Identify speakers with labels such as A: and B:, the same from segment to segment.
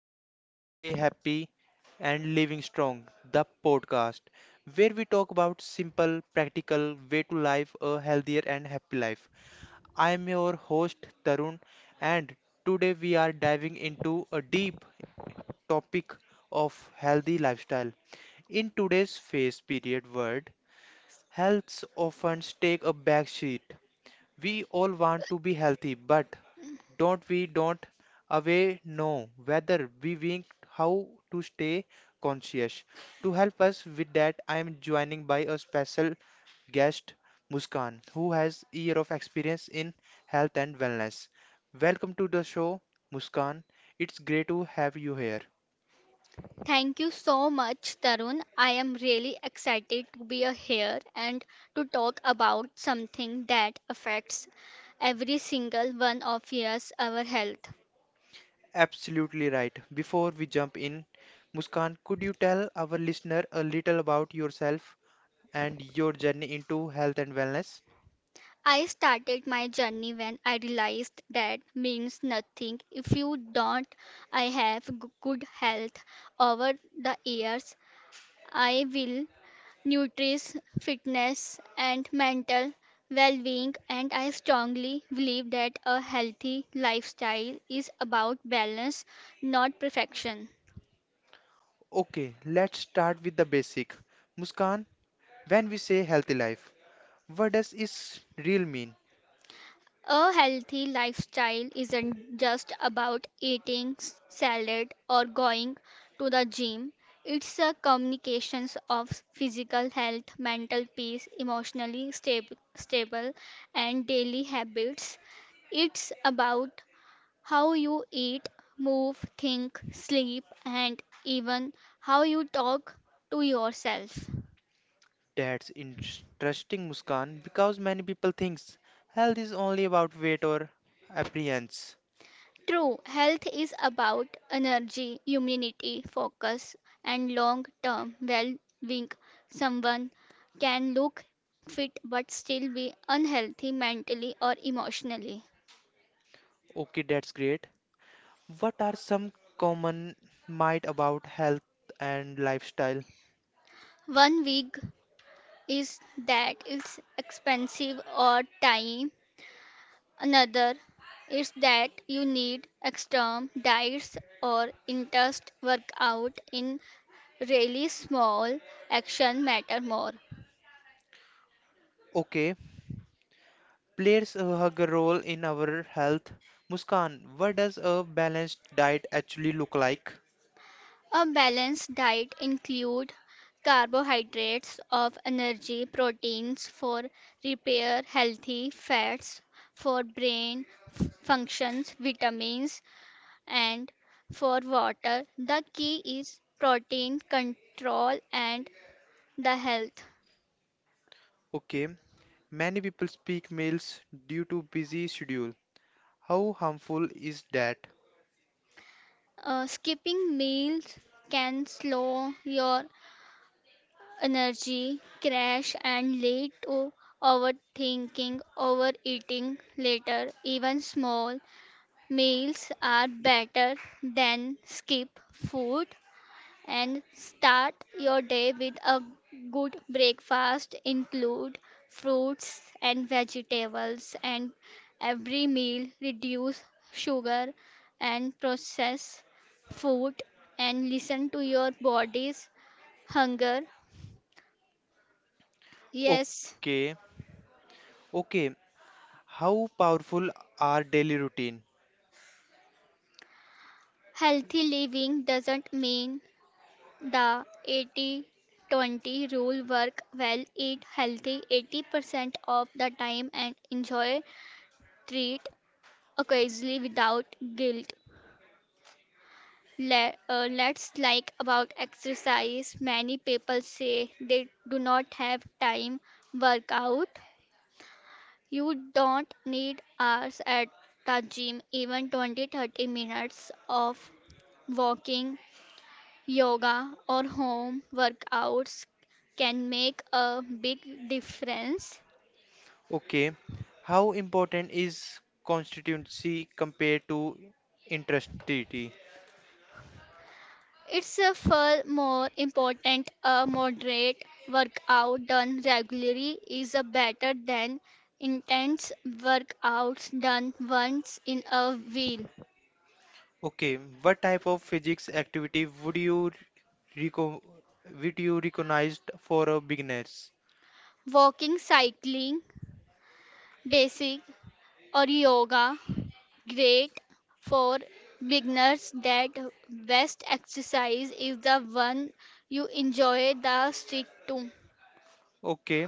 A: Well, Stay Happy, and Living Strong, the podcast, where we talk about simple, practical way to live a healthier and happy life. I am your host Tarun, and today we are diving into a deep topic of healthy lifestyle. In today's phase period world, health often take a back seat we all want to be healthy, but don't we don't away know whether we wink how to stay conscious. To help us with that, I am joining by a special guest, Muskan, who has year of experience in health and wellness. Welcome to the show, Muskan. It's great to have you here.
B: Thank you so much, Tarun. I am really excited to be here and to talk about something that affects every single one of us, our health.
A: Absolutely right. Before we jump in, Muskan, could you tell our listener a little about yourself? And your journey into health and wellness.
B: I started my journey when I realized that means nothing if you don't. I have good health over the years. I will nourish fitness and mental well-being, and I strongly believe that a healthy lifestyle is about balance, not perfection.
A: Okay, let's start with the basic. Muskan, when we say healthy life, what does is real mean?
B: A healthy lifestyle isn't just about eating salad or going to the gym. It's a communications of physical health, mental peace, emotionally stable, and daily habits. It's about how you eat, move, think, sleep, and even how you talk to yourself.
A: That's interesting, Muskan, because many people thinks health is only about weight or appearance.
B: True, health is about energy, immunity, focus, and long term well being. Someone can look fit but still be unhealthy mentally or emotionally.
A: Okay, that's great. What are some common myth about health and lifestyle?
B: One week is that it's expensive or time. Another is that you need extreme diets or intense workout in really small action matter more.
A: Okay, plays a role in our health. Muskan, what does a balanced diet actually look like?
B: A balanced diet include carbohydrates of energy, proteins for repair, healthy fats for brain functions, vitamins and for water. The key is protein control and the health.
A: Okay, many people speak meals due to busy schedule. How harmful is that?
B: Skipping meals can slow your energy, crash, and lead to overthinking, overeating later. Even small meals are better than skip food. And start your day with a good breakfast, include fruits and vegetables, and every meal reduce sugar and processed food, and listen to your body's hunger. Yes,
A: Okay, okay. How powerful are daily routine?
B: healthy living doesn't mean the 80-20 rule work well. Eat healthy 80% of the time and enjoy treat occasionally without guilt. Let's like about exercise. Many people say they do not have time workout. You don't need hours at the gym, even 20-30 minutes of walking, yoga, or home workouts can make a big difference.
A: Okay, how important is constituency compared to intensity?
B: It's a far more important, a moderate workout done regularly is a better than intense workouts done once in a while.
A: Okay, what type of physics activity would you reco- would you recognized for a beginners?
B: Walking, cycling, basic or yoga great for beginners, that best exercise is the one you enjoy the stick to.
A: Okay,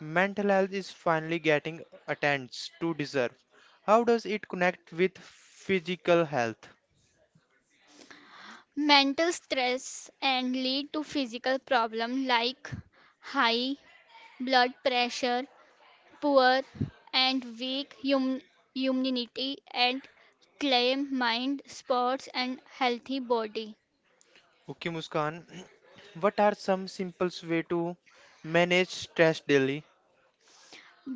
A: mental health is finally getting attends to deserve. How does it connect with physical health?
B: Mental stress and lead to physical problem like high blood pressure, poor and weak immunity, and claim mind, sports, and healthy body.
A: Okay, Muskan, what are some simple way to manage stress daily?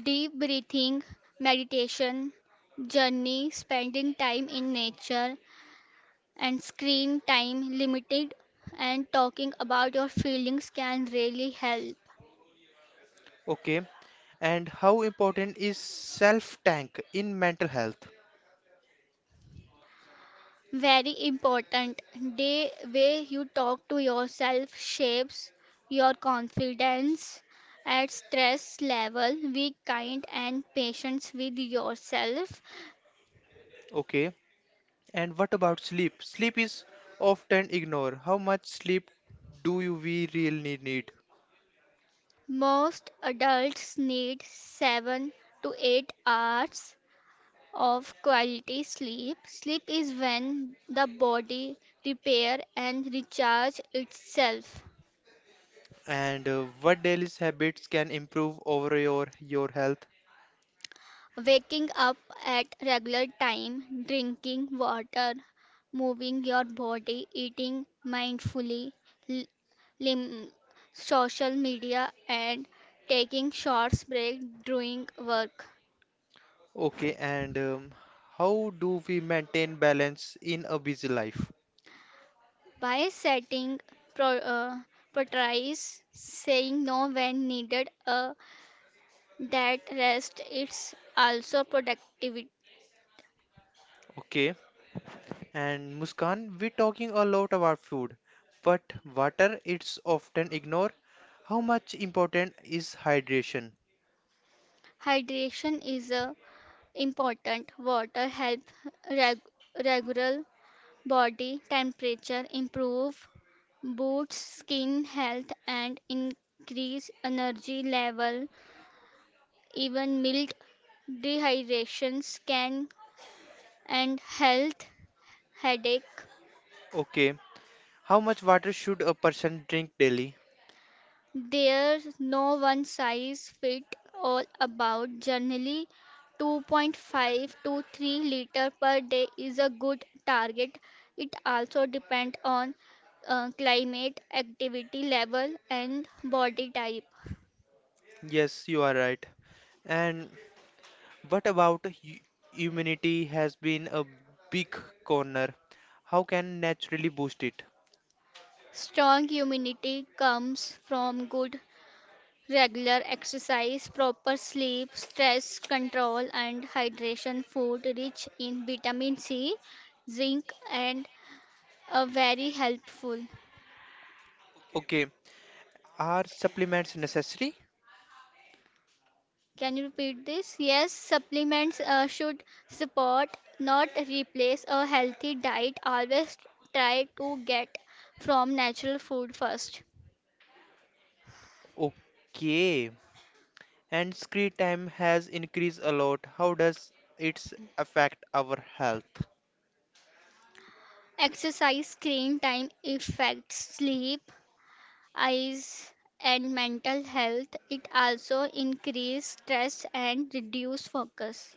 B: Deep breathing, meditation, journey, spending time in nature, and screen time limited, and talking about your feelings can really help.
A: Okay, and how important is self tank in mental health?
B: Very important. The way you talk to yourself shapes your confidence at stress level. Be kind and patient with yourself.
A: Okay, and what about sleep? Sleep is often ignored. How much sleep do you we really need?
B: Most adults need 7 to 8 hours of quality sleep. Sleep is when the body repair and recharge itself.
A: And what daily habits can improve over your health?
B: Waking up at regular time, drinking water, moving your body, eating mindfully, l- lim- social media, and taking short break during work.
A: Okay, and how do we maintain balance in a busy life?
B: By setting pro- uh, priorities, saying no when needed, that rest it's also productivity.
A: Okay, and Muskan, we're talking a lot about food, but water it's often ignored. How much important is hydration?
B: Hydration is important. Water helps reg- regular body temperature improve, boosts skin health and increase energy level. Even mild dehydrations can and health headache.
A: Okay, how much water should a person drink daily?
B: There's no one size fit all about. Generally, 2.5 to 3 liter per day is a good target. It also depends on climate, activity level, and body type.
A: Yes, you are right. And what about immunity has been a big corner. How can naturally boost it?
B: Strong immunity comes from good regular exercise, proper sleep, stress control, and hydration. Food rich in vitamin C, zinc, and very helpful.
A: Okay, are supplements necessary?
B: Can you repeat this? Yes, supplements should support, not replace, a healthy diet. Always try to get from natural food first.
A: Okay. And screen time has increased a lot. How does it affect our health?
B: Exercise, screen time, effects, sleep, eyes and mental health. It also increase stress and reduce focus.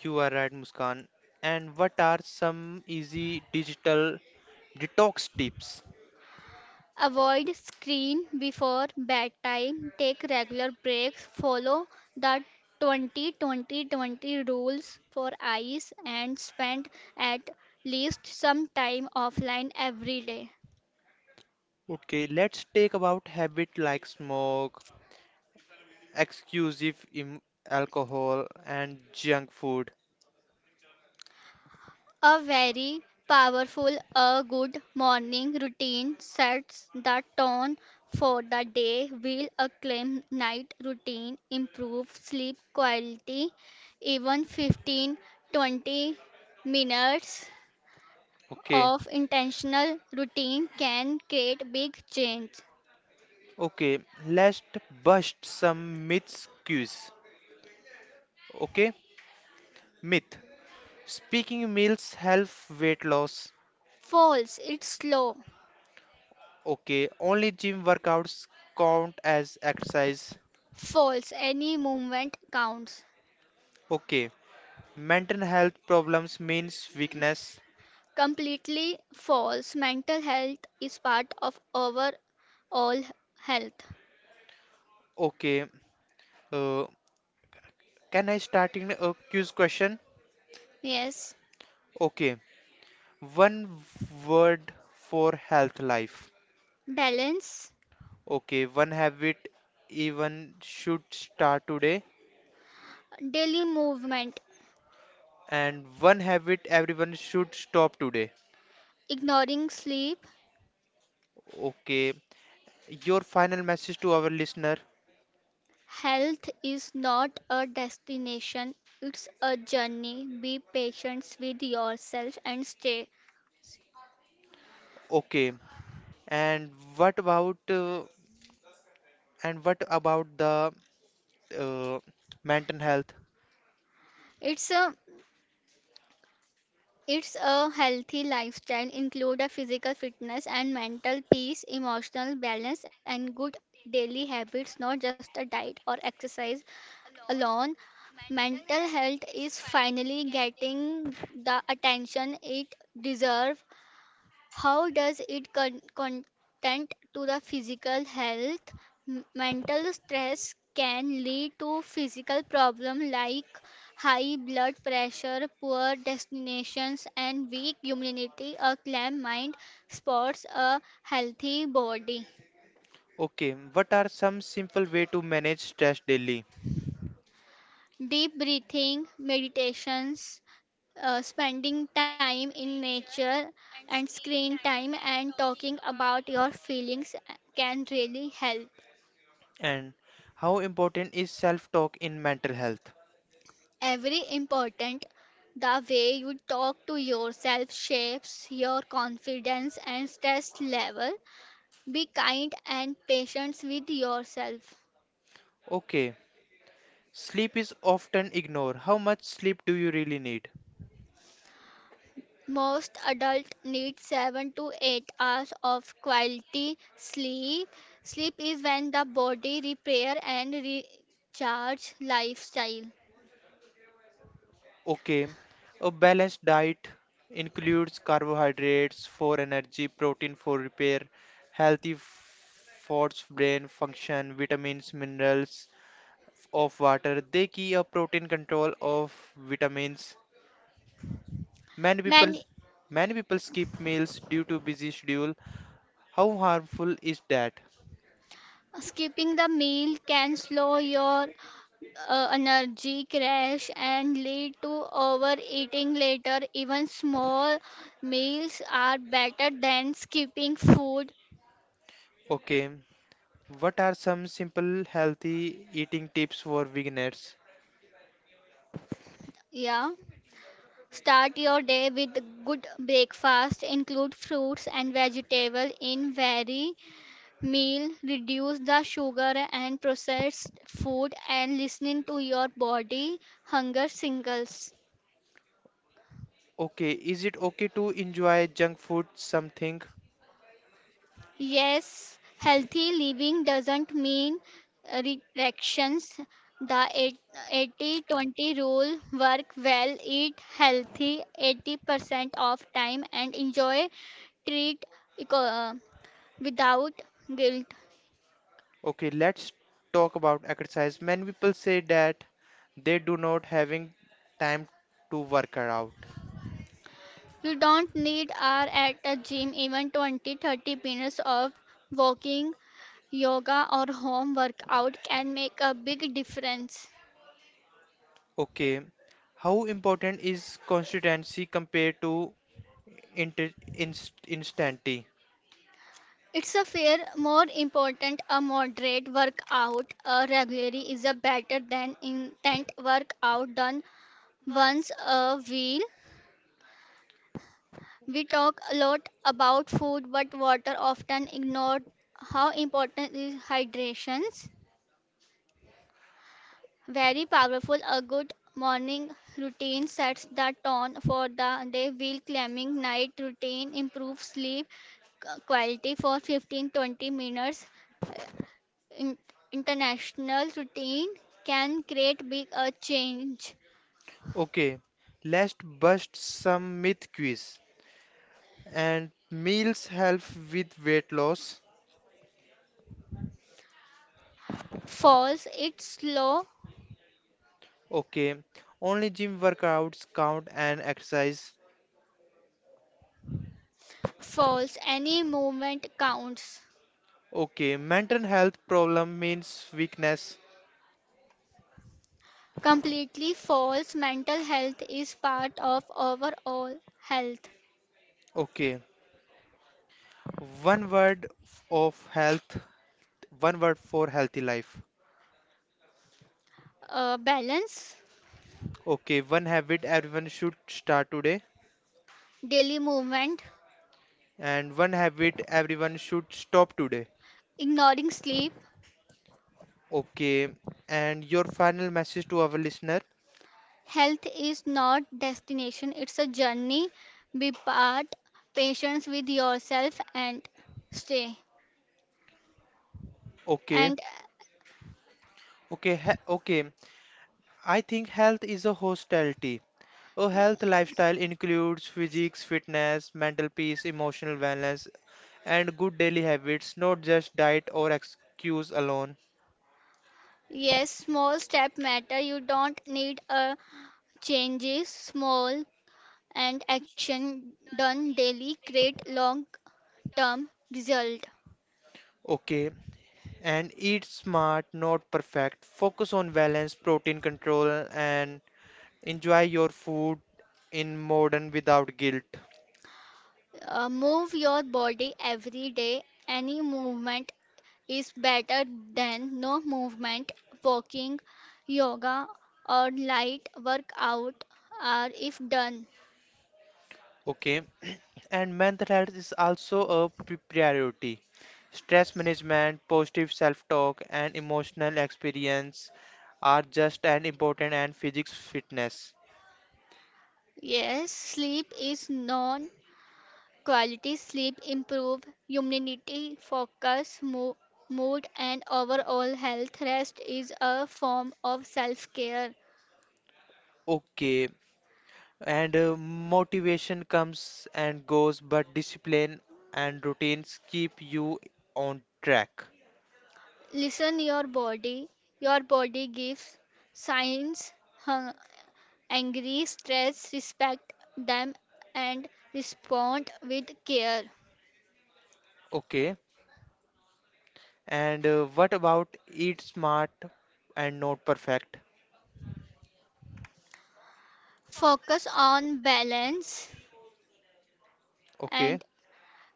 A: You are right, Muskan. And what are some easy digital detox tips?
B: Avoid screen before bedtime. Take regular breaks. Follow the 20-20-20 rules for eyes and spend at least some time offline every day.
A: Okay, let's take about habit like smoke, exclusive im- alcohol and junk food.
B: A very powerful, a good morning routine sets the tone for the day, while a clean night routine improves sleep quality. Even 15-20 minutes
A: Okay.
B: of intentional routine can create big change.
A: Okay, let's bust some myths quiz. Okay, myth. Speaking meals help weight loss.
B: False, it's slow.
A: Okay, only gym workouts count as exercise.
B: False, any movement counts.
A: Okay, mental health problems means weakness.
B: Completely false. Mental health is part of our all health.
A: Okay, uh, can I start in a quiz question?
B: Yes.
A: Okay, one word for health life.
B: Balance,
A: Okay, one habit even should start today,
B: daily movement,
A: and one habit everyone should stop today.
B: ignoring sleep.
A: Okay, your final message to our listener.
B: Health is not a destination, it's a journey. Be patient with yourself and stay.
A: Okay, and what about and what about the uh, mental health?
B: It's a it's a healthy lifestyle include a physical fitness and mental peace, emotional balance and good daily habits, not just a diet or exercise alone. Mental health is finally getting the attention it deserves. How does it content to the physical health? Mental stress can lead to physical problems like high blood pressure, poor destinations, and weak immunity. A calm mind sports a healthy body.
A: Okay, what are some simple way to manage stress daily?
B: Deep breathing, meditations, spending time in nature, and screen time and talking about your feelings can really help.
A: And how important is self-talk in mental health?
B: Every important, the way you talk to yourself shapes your confidence and stress level. Be kind and patient with yourself.
A: Okay, sleep is often ignored. How much sleep do you really need?
B: Most adults need 7 to 8 hours of quality sleep. Sleep is when the body repair and recharge lifestyle.
A: Okay, a balanced diet includes carbohydrates for energy, protein for repair, healthy fats, brain function, vitamins, minerals, of water. They key a protein control of vitamins. Many people,
B: Many
A: many people skip meals due to busy schedule. How harmful is that?
B: skipping the meal can slow your energy crash and lead to overeating later. Even small meals are better than skipping food.
A: Okay. What are some simple healthy eating tips for beginners?
B: Yeah. Start your day with good breakfast. Include fruits and vegetables in every meal. Reduce the sugar and processed food and listening to your body hunger signals.
A: Okay, is it okay to enjoy junk food something?
B: Yes, healthy living doesn't mean restrictions. The 80-20 rule work well. Eat healthy 80% of time and enjoy treat eco- uh, without guilt.
A: Okay, let's talk about exercise. Many people say that they do not having time to work out.
B: You don't need hour at a gym, even 20-30 minutes of walking, yoga, or home workout can make a big difference.
A: Okay, how important is consistency compared to instanty.
B: It's a fair, more important, a moderate workout regularly is a better than intent workout done once a week. We talk a lot about food, but water often ignored. How important is hydration? Very powerful. A good morning routine sets the tone for the day, while climbing night routine improves sleep quality for 15-20 minutes. In- International routine can create big a change.
A: Okay, let's bust some myth quiz. And meals help with weight loss.
B: False, it's slow.
A: Okay, only gym workouts count and exercise.
B: False, any movement counts.
A: Okay, mental health problem means weakness.
B: Completely false, mental health is part of overall health.
A: Okay, one word f- of health, one word for healthy life.
B: Balance,
A: Okay, one habit everyone should start today,
B: daily movement,
A: and one habit everyone should stop today.
B: ignoring sleep.
A: Okay, and your final message to our listener?
B: Health is not destination, it's a journey. Be part patience with yourself and stay.
A: Okay,
B: And
A: okay, okay. I think health is a hostility. A health lifestyle includes physics, fitness, mental peace, emotional wellness, and good daily habits, not just diet or excuse alone.
B: yes, small step matter. You don't need a changes. Small and action done daily create long term result.
A: Okay, and eat smart, not perfect. Focus on balance, protein control, and enjoy your food in modern without guilt.
B: Move your body every day. Any movement is better than no movement. Walking, yoga, or light workout are if done.
A: Okay, and mental health is also a priority. Stress management, positive self-talk, and emotional experience are just as important as physics fitness.
B: Yes, sleep is non quality sleep improve immunity, focus, mood and overall health. Rest is a form of self-care.
A: Okay, and motivation comes and goes, but discipline and routines keep you on track.
B: Listen your body. Your body gives signs angry, stress, respect them and respond with care.
A: Okay, and what about eat smart and not perfect?
B: Focus on balance
A: Okay,
B: and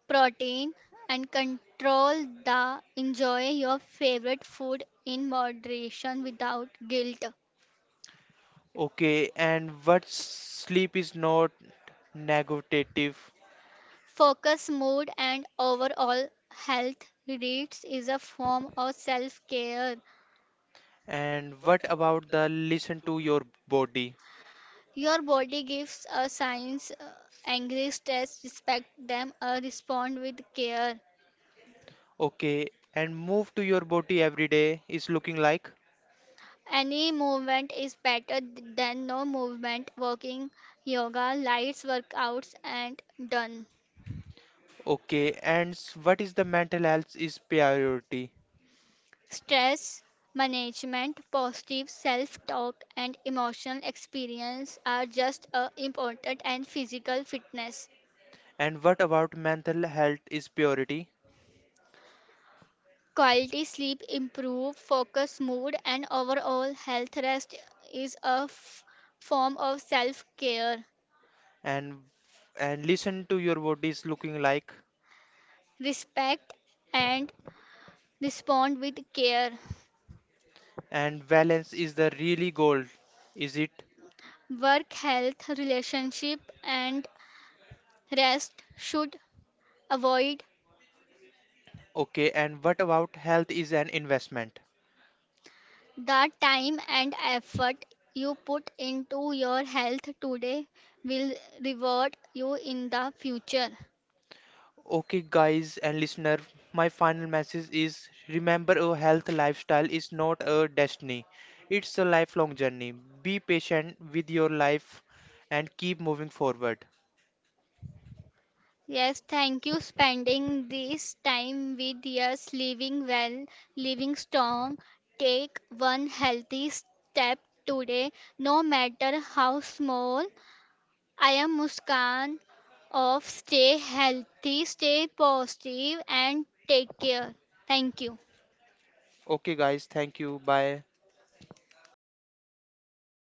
B: protein and control the enjoy your favorite food in moderation without guilt.
A: okay, and what sleep is not negative.
B: Focus mood and overall health reads is a form of self care.
A: And what about the listen to your body?
B: Your body gives a signs angry stress respect them respond with care.
A: Okay, and move to your body every day is looking like.
B: Any movement is better than no movement. Walking, yoga, lights workouts, and done.
A: Okay, and what is the mental health is priority?
B: Stress management, positive self talk, and emotional experience are just as important as physical fitness.
A: And what about mental health is priority?
B: Quality sleep improve focus, mood, and overall health. Rest is a form of self care.
A: And and listen to your body is looking like.
B: Respect and respond with care.
A: And balance is the really goal, is it?
B: Work, health, relationship, and rest should avoid
A: Okay, and what about health is an investment?
B: the time and effort you put into your health today will reward you in the future.
A: Okay, guys and listener, my final message is remember a health lifestyle is not a destiny, it's a lifelong journey. Be patient with your life and keep moving forward.
B: Yes, thank you spending this time with us living well, living strong. Take one healthy step today, no matter how small. I am Muskan of Stay Healthy, Stay Positive, and Take Care. Thank you.
A: Okay, guys, thank you. Bye.